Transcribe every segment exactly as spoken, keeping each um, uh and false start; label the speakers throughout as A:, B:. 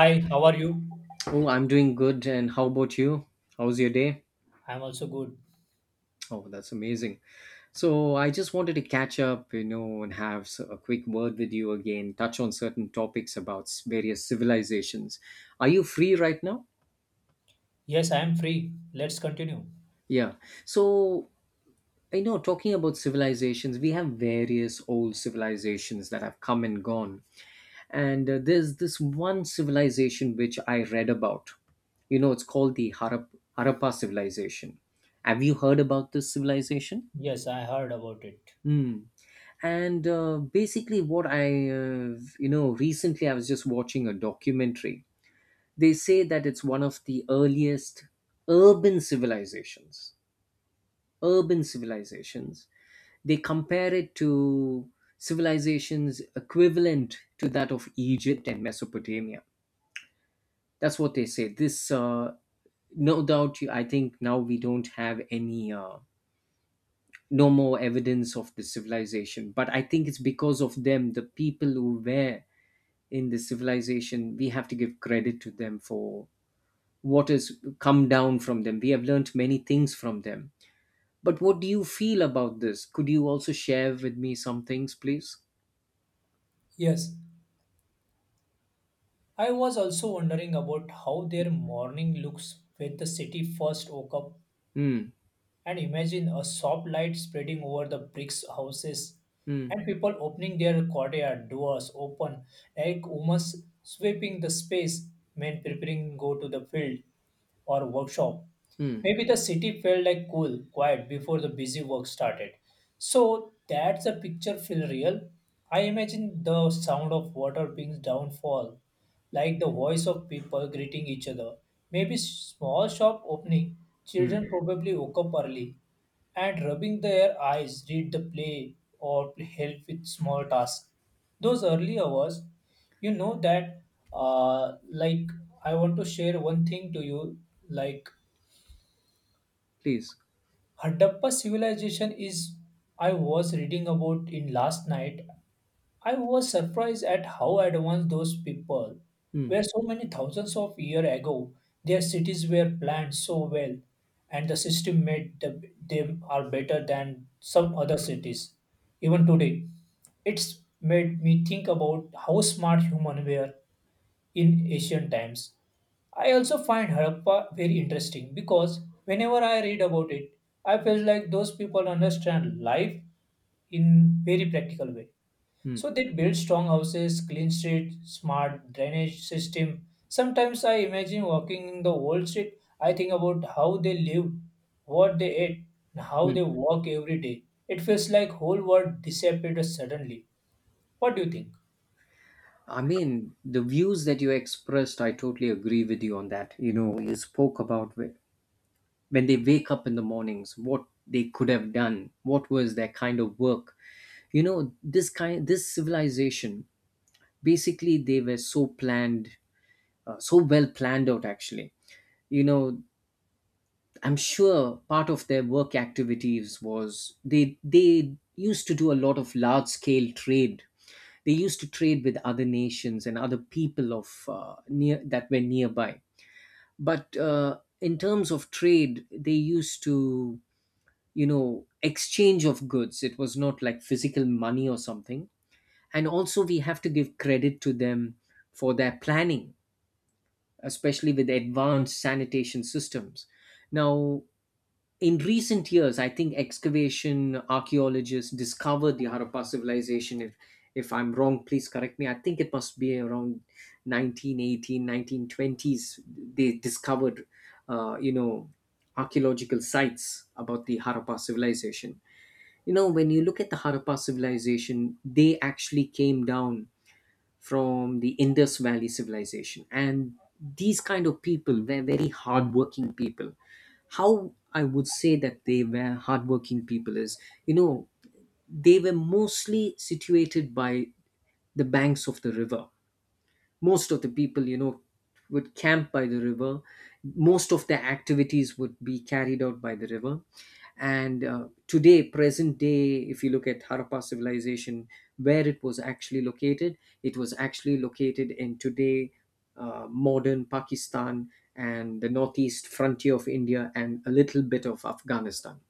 A: Hi, how are you?
B: Oh, I'm doing good. And how about you? How's your day?
A: I'm also good.
B: Oh, that's amazing. So, I just wanted to catch up, you know, and have s- a quick word with you again, touch on certain topics about s- various civilizations. Are you free right now?
A: Yes, I am free. Let's continue.
B: Yeah. So, you know, talking about civilizations, we have various old civilizations that have come and gone. and uh, there's this one civilization which I read about. You know it's called the Harap- Harappa civilization. Have you heard about this civilization?
A: Yes, I heard about it.
B: Hmm. and uh, basically what I uh, you know recently I was just watching a documentary. They say that it's one of the earliest urban civilizations. urban civilizations they compare it to civilizations equivalent to that of Egypt and Mesopotamia. That's what they say. This, uh, no doubt, you- I think now we don't have any, uh, no more evidence of the civilization. But I think it's because of them, the people who were in the civilization, we have to give credit to them for what has come down from them. We have learnt many things from them. But what do you feel about this? Could you also share with me some things, please?
A: Yes, I was also wondering about how their morning looks when the city first woke up
B: Hmm.
A: and imagine a soft light spreading over the bricks houses
B: Hmm.
A: and people opening their courtyard doors open, like women sweeping the space, men preparing go to the field or workshop.
B: Hmm.
A: Maybe the city felt like cool, quiet before the busy work started. So that's the picture feel real. I imagine the sound of water being downfall, like the voice of people greeting each other. Maybe small shop opening,
B: Hmm.
A: children probably woke up early and rubbing their eyes, read the play or help with small tasks. Those early hours, you know that uh, like I want to share one thing to you. like
B: Please.
A: Harappa civilization is, I was reading about in last night. I was surprised at how advanced those people
B: Hmm.
A: were so many thousands of years ago. Their cities were planned so well, and the system made the, them are better than some other cities. Even today, it's made me think about how smart humans were in ancient times. I also find Harappa very interesting because whenever I read about it, I feel like those people understand life in very practical way.
B: Hmm.
A: So they build strong houses, clean streets, smart drainage system. Sometimes I imagine walking in the old street. I think about how they lived, what they ate, and how
B: Hmm.
A: they walk every day. It feels like whole world disappeared suddenly. What do you think?
B: I mean, the views that you expressed, I totally agree with you on that. You know, you spoke about wh- when they wake up in the mornings, what they could have done, what was their kind of work. You know, this kind, this civilization, basically, they were so planned, uh, so well planned out, actually. You know, I'm sure part of their work activities was they they used to do a lot of large scale trade. They used to trade with other nations and other people of uh, near that were nearby. But uh, in terms of trade they used to, you know exchange of goods. It was not like physical money or something. And also we have to give credit to them for their planning, especially with advanced sanitation systems. Now, in recent years, I think excavation archaeologists discovered the Harappa civilization. If if I'm wrong, please correct me. I think it must be around nineteen eighteen, nineteen twenties. They discovered, uh, you know, archaeological sites about the Harappa civilization. You know, when you look at the Harappa civilization, they actually came down from the Indus Valley civilization. And these kind of people were very hardworking people. How I would say that they were hardworking people is, you know, they were mostly situated by the banks of the river. Most of the people, you know would camp by the river. Most of their activities would be carried out by the river. And uh, today, present day, if you look at Harappa civilization, where it was actually located, it was actually located in today, uh, modern Pakistan, and the northeast frontier of India and a little bit of Afghanistan.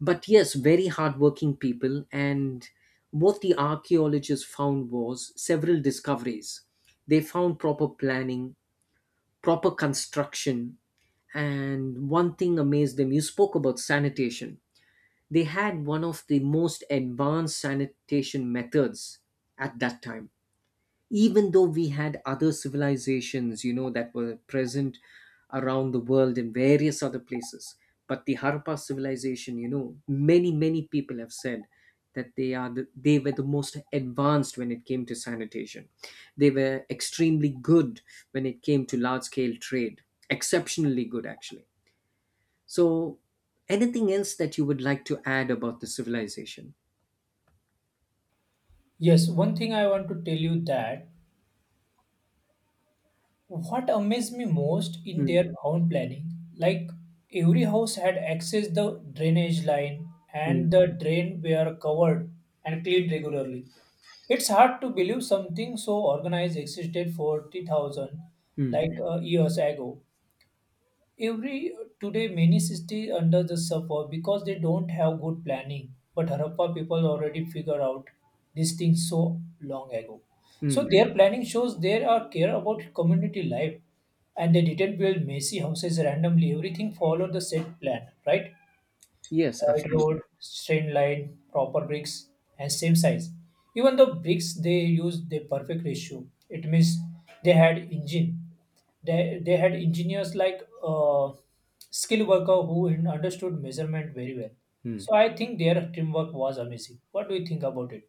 B: But yes, very hardworking people. And what the archaeologists found was several discoveries. They found proper planning, proper construction, and one thing amazed them. You spoke about sanitation. They had one of the most advanced sanitation methods at that time, even though we had other civilizations, you know that were present around the world in various other places. But the Harappa civilization, you know many many people have said that they are the, they were the most advanced when it came to sanitation. They were extremely good when it came to large scale trade, exceptionally good actually. So, anything else that you would like to add about the civilization?
A: Yes, one thing I want to tell you that, what amazed me most in
B: Mm,
A: their own planning, like every house had access the drainage line
B: mm,
A: and the drain were covered and cleaned regularly. It's hard to believe something so organized existed forty thousand
B: mm,
A: like uh, years ago. Every uh, today many cities under the suffer because they don't have good planning. But Harappa people already figured out these things so long ago. So
B: mm.
A: their planning shows they are care about community life, and they didn't build messy houses randomly. Everything followed the set plan, right?
B: Yes,
A: Oil
B: absolutely.
A: road, straight line, proper bricks, and same size. Even the bricks they used the perfect ratio. It means they had engine. They, they had engineers like uh, skilled worker who in- understood measurement very well.
B: Mm.
A: So I think their teamwork was amazing. What do you think about it?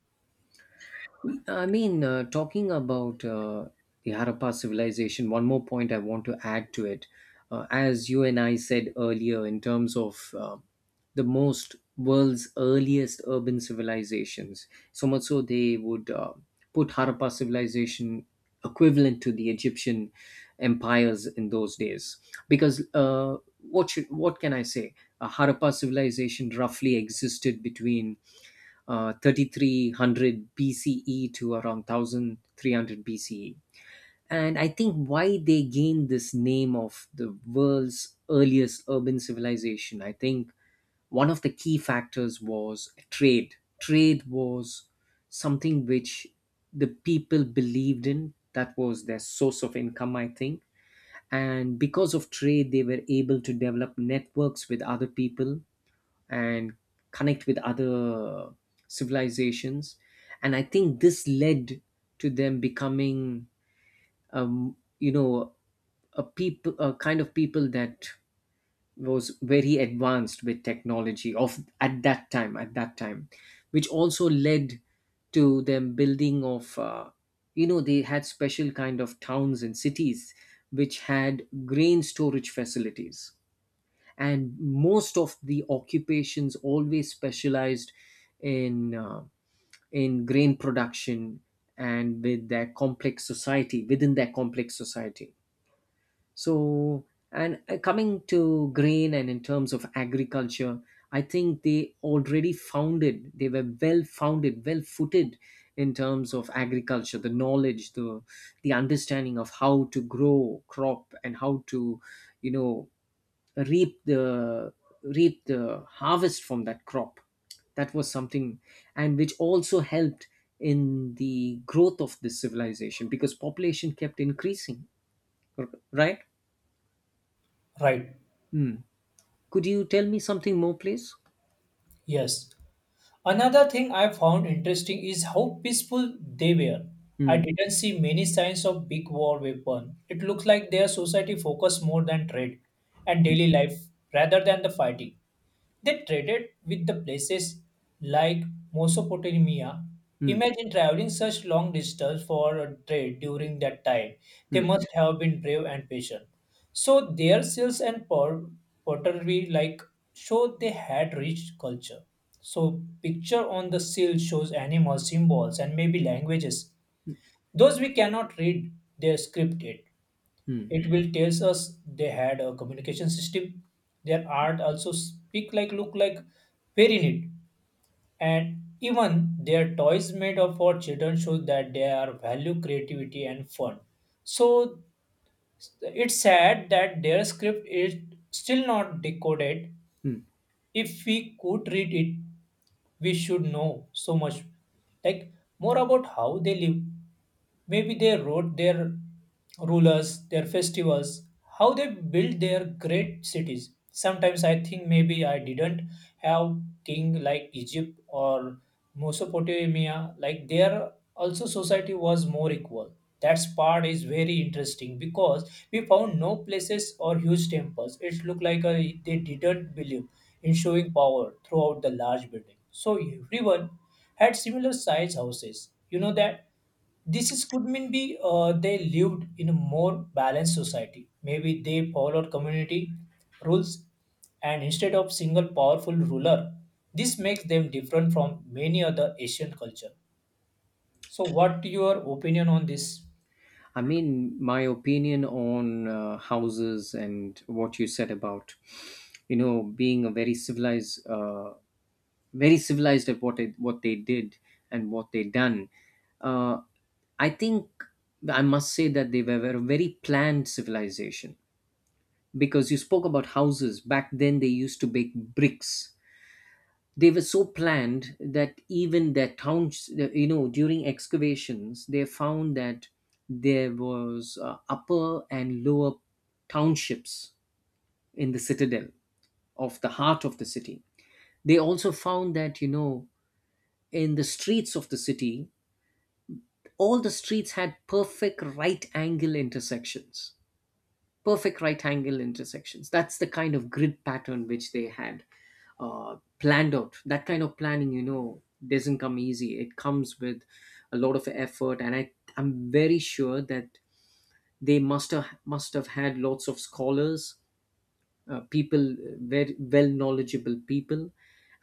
B: I mean, uh, talking about uh, the Harappa civilization, one more point I want to add to it. Uh, as you and I said earlier, in terms of uh, the most world's earliest urban civilizations, so much so they would uh, put Harappa civilization equivalent to the Egyptian empires in those days. Because uh, what should, what can I say? Uh, Harappa civilization roughly existed between uh, thirty three hundred B C E to around one thousand three hundred B C E. And I think why they gained this name of the world's earliest urban civilization, I think one of the key factors was trade. Trade was something which the people believed in, that was their source of income, I think. And because of trade, they were able to develop networks with other people and connect with other civilizations. And I think this led to them becoming, um, you know a people a kind of people that was very advanced with technology of at that time at that time, which also led to them building of, uh, you know they had special kind of towns and cities which had grain storage facilities. And most of the occupations always specialized in uh, in grain production. And with their complex society within their complex society. So, and uh, coming to grain and in terms of agriculture, I think they already founded, they were well founded, well footed, in terms of agriculture. The knowledge, the the understanding of how to grow crop and how to, you know reap the reap the harvest from that crop. That was something. And which also helped in the growth of this civilization because population kept increasing, r- right?
A: Right.
B: Hmm. Could you tell me something more, please?
A: Yes. Another thing I found interesting is how peaceful they were. I
B: Hmm.
A: didn't see many signs of big war weapon. It looks like their society focused more than trade and daily life rather than the fighting. They traded with the places like Mesopotamia.
B: Hmm.
A: Imagine traveling such long distance for a trade during that time. They
B: Hmm.
A: must have been brave and patient. So their seals and por- pottery like show they had rich culture. So picture on the seal shows animal symbols and maybe languages. Those we cannot read their script yet, it will tells us they had a communication system. Their art also speak like look like very neat, and even their toys made up for children show that they are value creativity and fun. So it's sad that their script is still not decoded.
B: Hmm.
A: If we could read it, we should know so much, like, more about how they live. Maybe they wrote their rulers, their festivals, how they built their great cities. Sometimes I think maybe I didn't have king like Egypt or Mesopotamia, like there also society was more equal. That part is very interesting because we found no places or huge temples. It looked like uh, they didn't believe in showing power throughout the large building. So everyone had similar size houses. You know that this is could mean be uh, they lived in a more balanced society. Maybe they followed community rules, and instead of single powerful ruler, this makes them different from many other asian culture. So what your opinion on this?
B: I mean, my opinion on uh, houses, and what you said about, you know, being a very civilized, uh, very civilized at what it, what they did and what they done. Uh, I think I must say that they were a very planned civilization because you spoke about houses back then. They used to bake bricks. They were so planned that even their towns, you know, during excavations, they found that there was uh, upper and lower townships in the citadel of the heart of the city. They also found that you know in the streets of the city, all the streets had perfect right angle intersections. Perfect right angle intersections. That's the kind of grid pattern which they had uh, planned out. That kind of planning, you know, doesn't come easy. It comes with a lot of effort, and I, I'm very sure that they must have must have had lots of scholars, uh, people, very well knowledgeable people.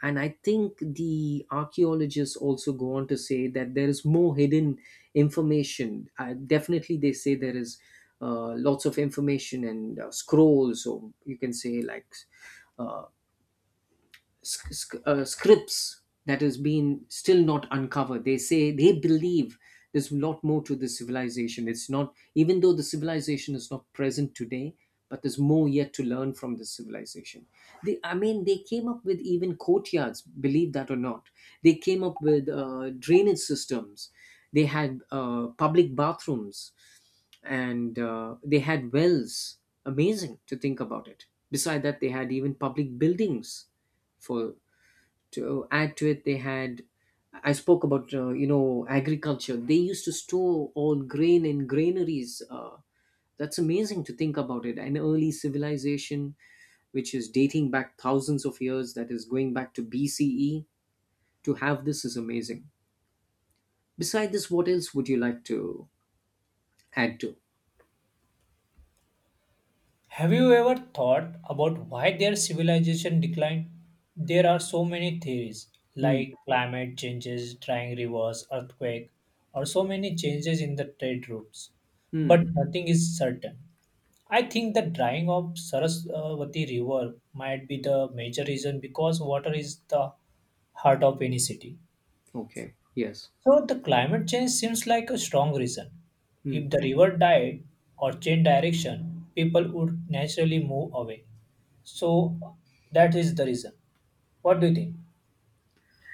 B: And I think the archaeologists also go on to say that there is more hidden information. Uh, definitely, they say there is uh, lots of information and uh, scrolls, or you can say like uh, sc- sc- uh, scripts that has been still not uncovered. They say they believe there's a lot more to this civilization. It's not, even though the civilization is not present today, but there's more yet to learn from this civilization. They, I mean, they came up with even courtyards, believe that or not. They came up with uh, drainage systems. They had uh, public bathrooms and uh, they had wells. Amazing to think about it. Beside that, they had even public buildings for to add to it they had I spoke about uh, you know agriculture. They used to store all grain in granaries, uh, that's amazing to think about it. An early civilization which is dating back thousands of years, that is going back to BCE, to have this is amazing. Beside this, what else would you like to add to?
A: Have you ever thought about why their civilization declined? There are so many theories,
B: Hmm.
A: like climate changes, drying rivers, earthquake, or so many changes in the trade routes,
B: Hmm.
A: but nothing is certain. I think the drying of saraswati river might be the major reason because water is the heart of any city.
B: Okay. Yes.
A: So the climate change seems like a strong reason.
B: Hmm.
A: If the river died or changed direction, people would naturally move away. So that is the reason. What do you think?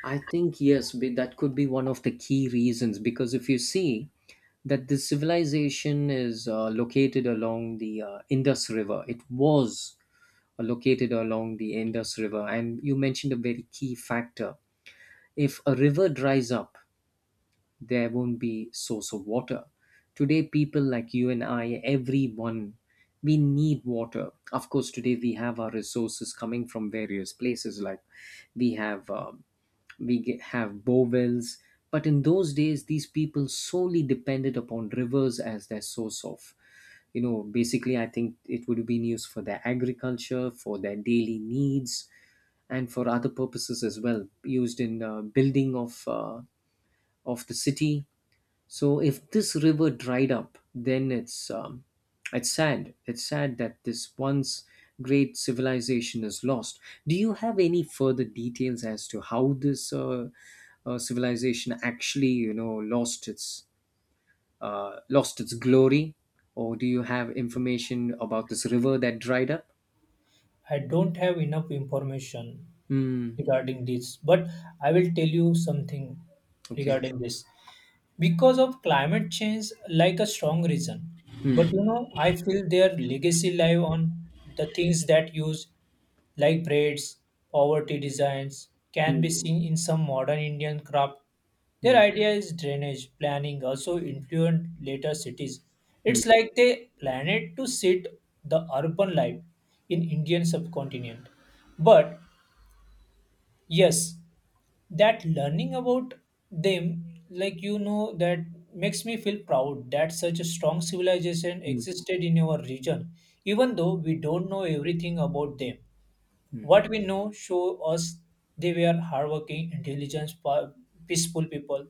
B: I think yes, be- that could be one of the key reasons because if you see that the civilization is uh, located along the uh, Indus River. It was uh, located along the Indus River, and you mentioned a very key factor. If a river dries up, there won't be source of water. Today, people like you and I, everyone, we need water. Of course, today we have our resources coming from various places, like we have. Uh, we ge- have bow wells, but in those days, these people solely depended upon rivers as their source of, you know, basically, I think it would have been used for their agriculture, for their daily needs, and for other purposes as well, used in uh, building of, uh, of the city. So if this river dried up, then it's um, it's sad. It's sad that this once great civilization is lost. Do you have any further details as to how this uh, uh, civilization actually, you know, lost its uh, lost its glory, or do you have information about this river that dried up?
A: I don't have enough information
B: Hmm.
A: regarding this, but I will tell you something
B: Okay.
A: regarding this. Because of climate change, like a strong reason. But you know, I feel their legacy live on the things that use like braids, poverty designs, can
B: Hmm.
A: be seen in some modern Indian craft. Their
B: Hmm.
A: idea is drainage planning also influenced later cities.
B: Hmm.
A: It's like they planned it to sit the urban life in Indian subcontinent. But yes, that learning about them, like you know, that makes me feel proud that such a strong civilization
B: Hmm.
A: existed in our region, even though we don't know everything about them.
B: Hmm.
A: What we know show us they were hardworking, intelligent, pa- peaceful people.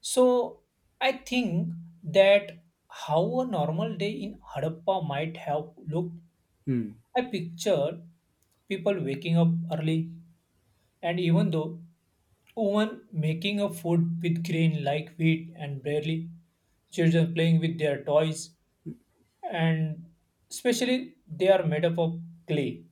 A: So I think that how a normal day in Harappa might have looked.
B: Hmm.
A: I picture people waking up early, and even though women making a food with grain like wheat and barley, children playing with their toys, and especially they are made up of clay,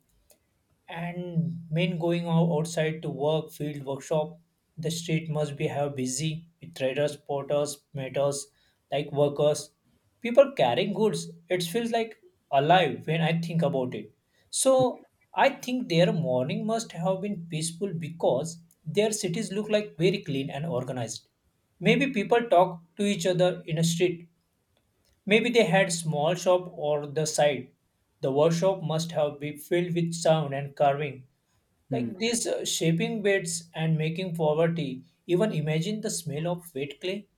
A: and men going out outside to work, field, workshop. The street must be have busy with traders, porters, meters, like workers, people carrying goods. It feels like alive when I think about it. So I think their morning must have been peaceful because their cities look like very clean and organized. Maybe people talk to each other in a street. Maybe they had small shop or the side. The workshop must have been filled with sound and carving
B: Hmm.
A: like these uh, shaping beds and making poverty. Even imagine the smell of wet clay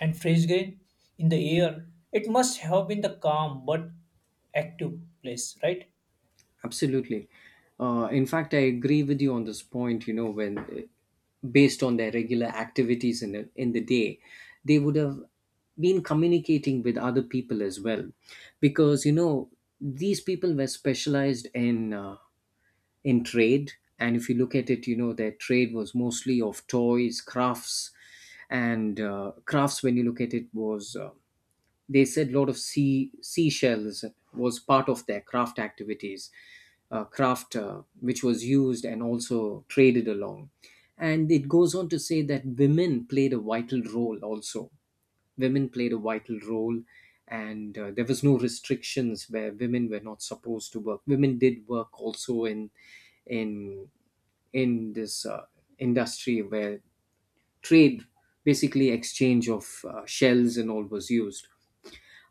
A: and fresh grain in the air. It must have been the calm but active place, right?
B: Absolutely. Uh, in fact, I agree with you on this point. You know, when uh, based on their regular activities in the, in the day, they would have been communicating with other people as well, because you know these people were specialized in uh, in trade, and if you look at it, you know their trade was mostly of toys, crafts, and uh, crafts. When you look at it, was uh, they said a lot of sea seashells was part of their craft activities uh, craft uh, which was used and also traded along. And it goes on to say that women played a vital role also women played a vital role. And uh, there was no restrictions where women were not supposed to work. Women did work also in in in this uh, industry where trade, basically exchange of uh, shells and all, was used.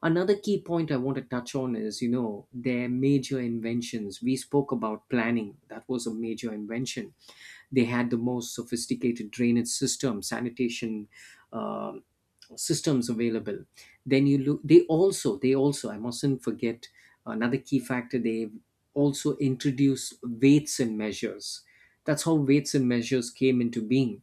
B: Another key point I want to touch on is, you know, their major inventions. We spoke about planning, that was a major invention. They had the most sophisticated drainage system, sanitation um systems available. Then you look, they also, they also, I mustn't forget another key factor, they've also introduced weights and measures. That's how weights and measures came into being.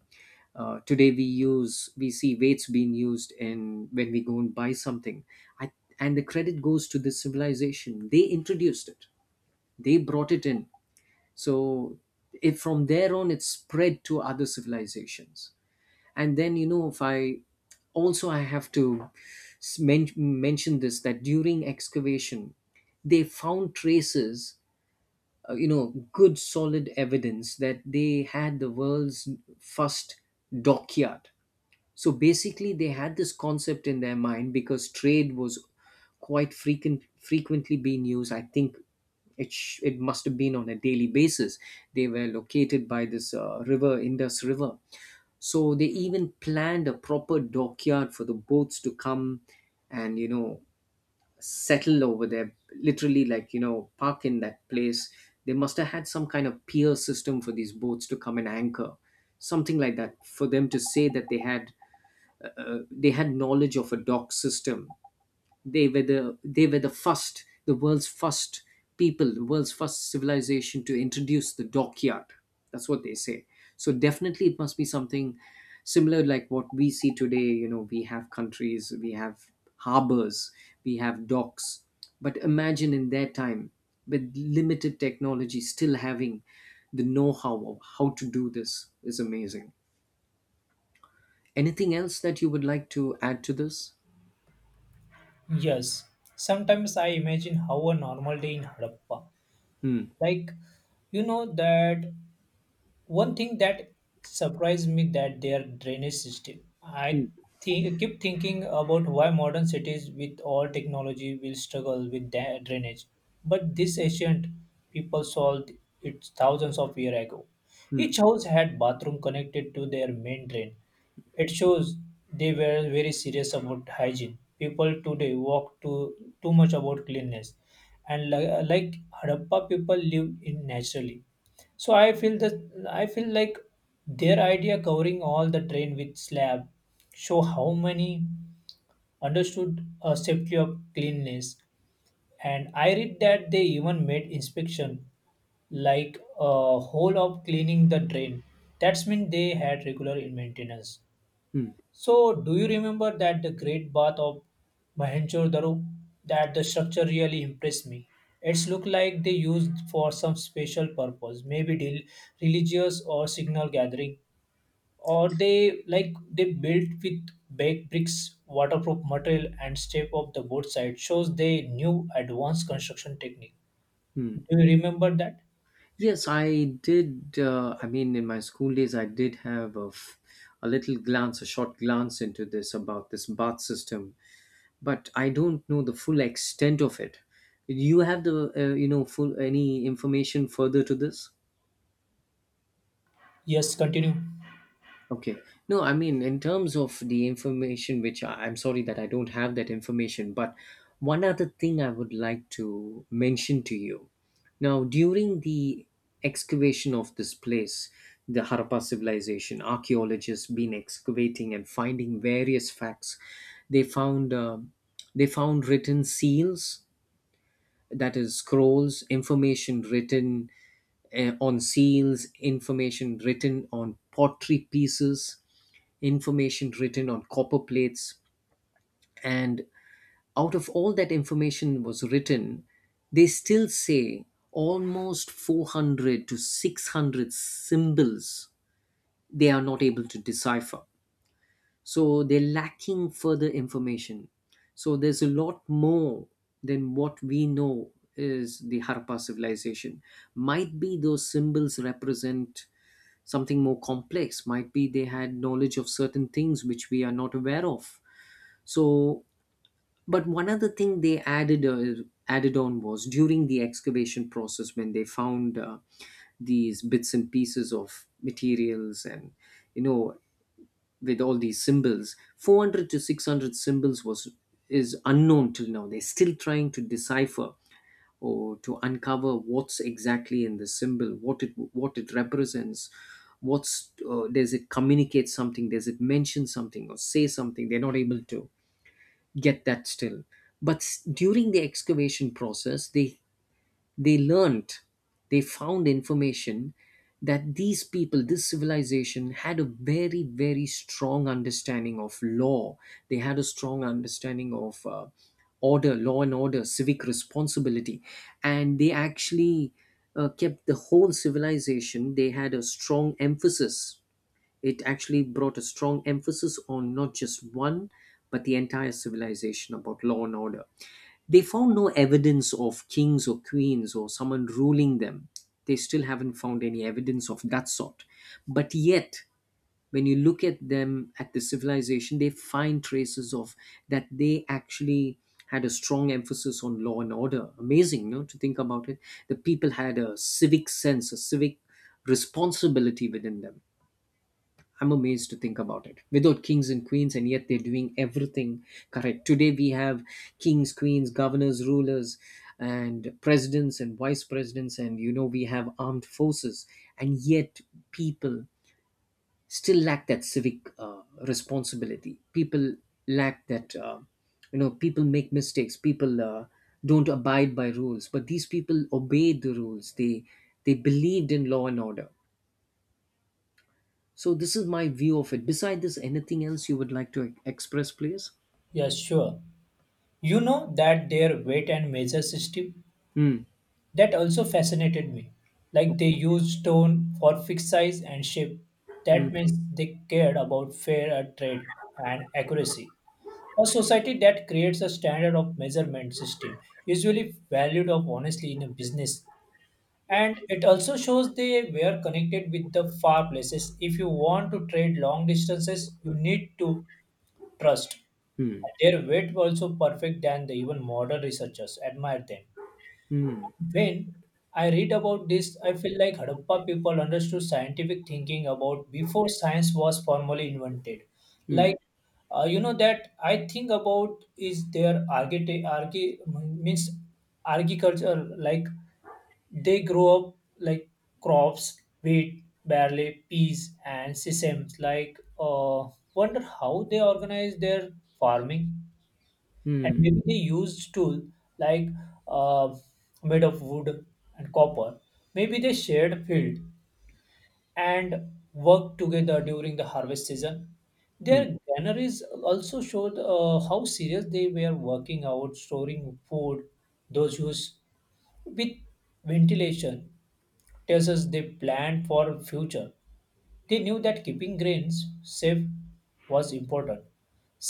B: Uh, today we use we see weights being used in when we go and buy something, I, and the credit goes to this civilization. They introduced it, they brought it in. So it, from there on, it spread to other civilizations. And then, you know, if I also I have to men- mention this that during excavation, they found traces, uh, you know, good solid evidence that they had the world's first dockyard. So basically, they had this concept in their mind because trade was quite frequent, frequently being used. I think it sh- it must have been on a daily basis. They were located by this uh, river, Indus River. So they even planned a proper dockyard for the boats to come and, you know, settle over there. Literally, like, you know, park in that place. They must have had some kind of pier system for these boats to come and anchor, something like that, for them to say that they had uh, they had knowledge of a dock system. They were the they were the first, the world's first people, the world's first civilization to introduce the dockyard. That's what they say. So definitely, it must be something similar like what we see today. You know, we have countries, we have harbors, we have docks. But imagine in their time, with limited technology, still having the know-how of how to do this is amazing. Anything else that you would like to add to this?
A: Yes. Sometimes I imagine how a normal day in Harappa,
B: Hmm.
A: like you know that, one thing that surprised me that their drainage system. I
B: Hmm.
A: think keep thinking about why modern cities with all technology will struggle with da- drainage, but this ancient people solved it thousands of years ago.
B: Hmm.
A: Each house had bathroom connected to their main drain. It shows they were very serious about hygiene. People today walk too too much about cleanliness, and li- like Harappa people lived in naturally. So I feel that I feel like their idea covering all the train with slab show how many understood a safety of cleanliness. And I read that they even made inspection like a whole of cleaning the drain. That's mean they had regular in maintenance.
B: Hmm.
A: So, do you remember that the Great Bath of Mohenjo-daro? That the structure really impressed me. It's looked like they used for some special purpose, maybe del- religious or signal gathering, or they like they built with baked bricks, waterproof material, and step of the both side shows they knew advanced construction technique. Do
B: Mm.
A: you remember that?
B: Yes, I did. Uh, I mean, in my school days, I did have a, f- a little glance, a short glance into this about this bath system, but I don't know the full extent of it. Do you have the, uh, you know, full any information further to this?
A: Yes, continue.
B: Okay. No, I mean, in terms of the information, which I, I'm sorry that I don't have that information, but one other thing I would like to mention to you. Now, during the excavation of this place, the Harappa civilization, archaeologists been excavating and finding various facts. They found uh, they found written seals, that is scrolls, information written uh, on seals, information written on pottery pieces, information written on copper plates. And out of all that information was written, they still say almost four hundred to six hundred symbols they are not able to decipher. So they're lacking further information. So there's a lot more than what we know is the Harappa civilization. Might be those symbols represent something more complex, might be they had knowledge of certain things which we are not aware of. So, but one other thing they added uh, added on was during the excavation process when they found uh, these bits and pieces of materials and, you know, with all these symbols, four hundred to six hundred symbols was is unknown till now. They're still trying to decipher or to uncover what's exactly in the symbol, what it what it represents, what's uh, does it communicate something, does it mention something or say something? They're not able to get that still, but s- during the excavation process they they learned, they found information that these people, this civilization, had a very very strong understanding of law. They had a strong understanding of uh, order, law and order, civic responsibility. And they actually uh, kept the whole civilization, they had a strong emphasis, it actually brought a strong emphasis on not just one but the entire civilization about law and order. They found no evidence of kings or queens or someone ruling them. They still haven't found any evidence of that sort, but yet when you look at them, at the civilization, they find traces of that they actually had a strong emphasis on law and order. Amazing, no, to think about it. The people had a civic sense, a civic responsibility within them. I'm amazed to think about it. Without kings and queens, and yet they're doing everything correct. Today we have kings, queens, governors, rulers, and presidents and vice presidents, and, you know, we have armed forces, and yet people still lack that civic uh, responsibility. People lack that. Uh, you know, people make mistakes. People uh, don't abide by rules, but these people obeyed the rules. They they believed in law and order. So this is my view of it. Beside this, anything else you would like to e- express, please?
A: Yes, sure. You know that their weight and measure system
B: Hmm.
A: that also fascinated me. Like they used stone for fixed size and shape.
B: Hmm.
A: That means they cared about fair trade and accuracy. A society that creates a standard of measurement system, usually valued of honestly in a business. And it also shows they were connected with the far places. If you want to trade long distances, you need to trust.
B: Hmm.
A: Their weight were also perfect than the even modern researchers admire them.
B: Hmm.
A: When I read about this, I feel like Harappa people understood scientific thinking about before science was formally invented.
B: Hmm.
A: Like, uh, you know, that I think about is their archite- archi- means agriculture. Like, they grow up like crops, wheat, barley, peas, and sesame. Like, uh, wonder how they organize their farming, and
B: Hmm.
A: maybe they used tool like uh, made of wood and copper. Maybe they shared field and worked together during the harvest season.
B: Hmm.
A: Their granaries also showed uh, how serious they were working out storing food, those used with ventilation tells us they planned for future. They knew that keeping grains safe was important.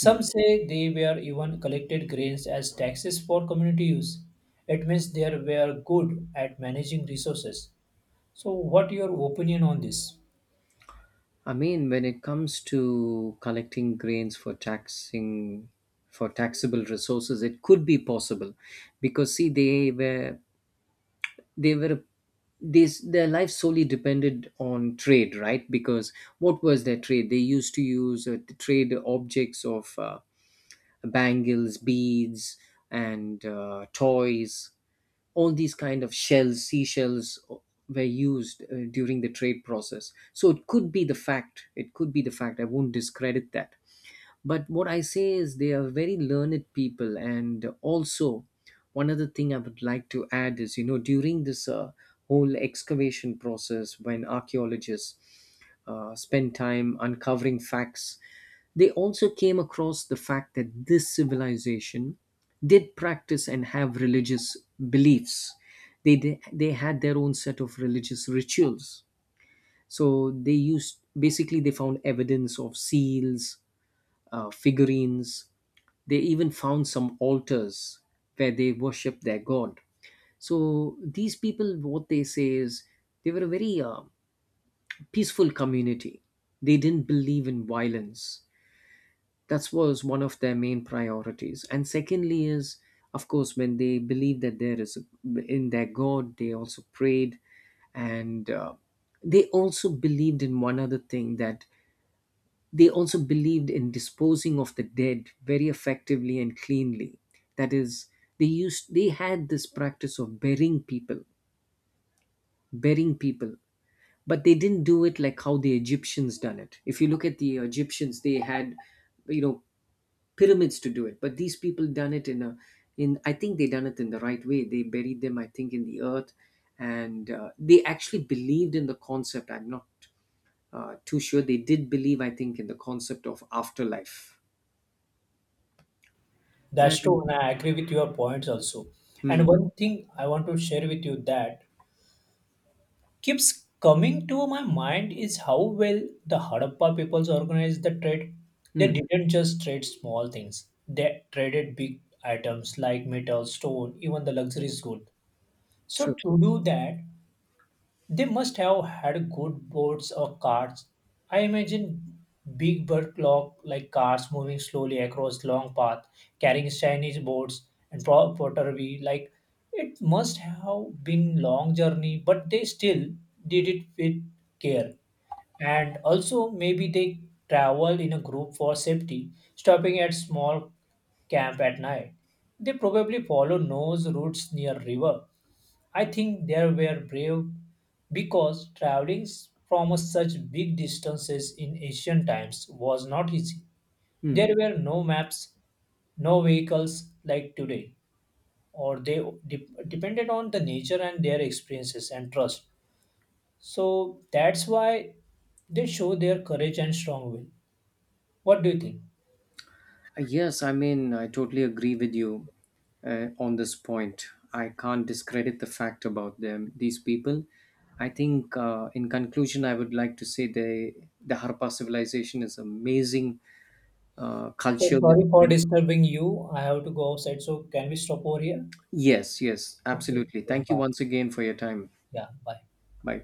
B: Hmm.
A: say they were even collected grains as taxes for community use. It means they were good at managing resources. So, what your opinion on this?
B: I mean, when it comes to collecting grains for taxing, for taxable resources, it could be possible, because see, they were they were this, their life solely depended on trade, right? Because what was their trade? They used to use uh, trade objects of. Uh, bangles, beads, and uh, toys. All these kind of shells, seashells, o- were used uh, during the trade process. So it could be the fact. It could be the fact. I won't discredit that. But what I say is they are very learned people. And also, one other thing I would like to add is, you know, during this uh, whole excavation process, when archaeologists uh, spend time uncovering facts, they also came across the fact that this civilization did practice and have religious beliefs. They, they, they had their own set of religious rituals. So they used, basically, they found evidence of seals, uh, figurines. They even found some altars where they worship their god. So these people, what they say is, they were a very uh, peaceful community. They didn't believe in violence. That was one of their main priorities. And secondly is, of course, when they believe that there is a, in their God, they also prayed, and uh, they also believed in one other thing, that they also believed in disposing of the dead very effectively and cleanly. That is, they used they had this practice of burying people, burying people, but they didn't do it like how the Egyptians done it. If you look at the Egyptians, they had, you know, pyramids to do it, but these people done it in a, in I think they done it in the right way. They buried them, I think, in the earth, and uh, they actually believed in the concept. I'm not uh, too sure. They did believe, I think, in the concept of afterlife.
A: That's
B: And
A: true, and I agree with your points also.
B: mm,
A: And one thing I want to share with you that keeps coming to my mind is how well the Harappa peoples organized the trade. They
B: mm,
A: didn't just trade small things, they traded big items like metal, stone, even the luxurious good. So,
B: true.
A: to do that, they must have had good boards or carts. I imagine big bird clock like cars moving slowly across long path, carrying Chinese boards and pro- pottery. Like it must have been long journey, but they still did it with care. And also maybe they travel in a group for safety, stopping at small camp at night. They probably follow nose routes near river. I think they were brave because traveling from such big distances in ancient times was not easy.
B: Mm.
A: There were no maps, no vehicles like today, or they de- depended on the nature and their experiences and trust. So that's why they show their courage and strong will. What do you think?
B: Uh, Yes, I mean, I totally agree with you uh, on this point. I can't discredit the fact about them, these people. I think, uh, in conclusion, I would like to say they, the Harappa civilization is amazing uh,
A: So
B: culture within
A: sorry for
B: them.
A: disturbing you. I have to go outside. So can we stop over here?
B: Yes, yes,
A: Okay.
B: absolutely. Thank you
A: Bye.
B: once again for your time.
A: Yeah. Bye.
B: Bye.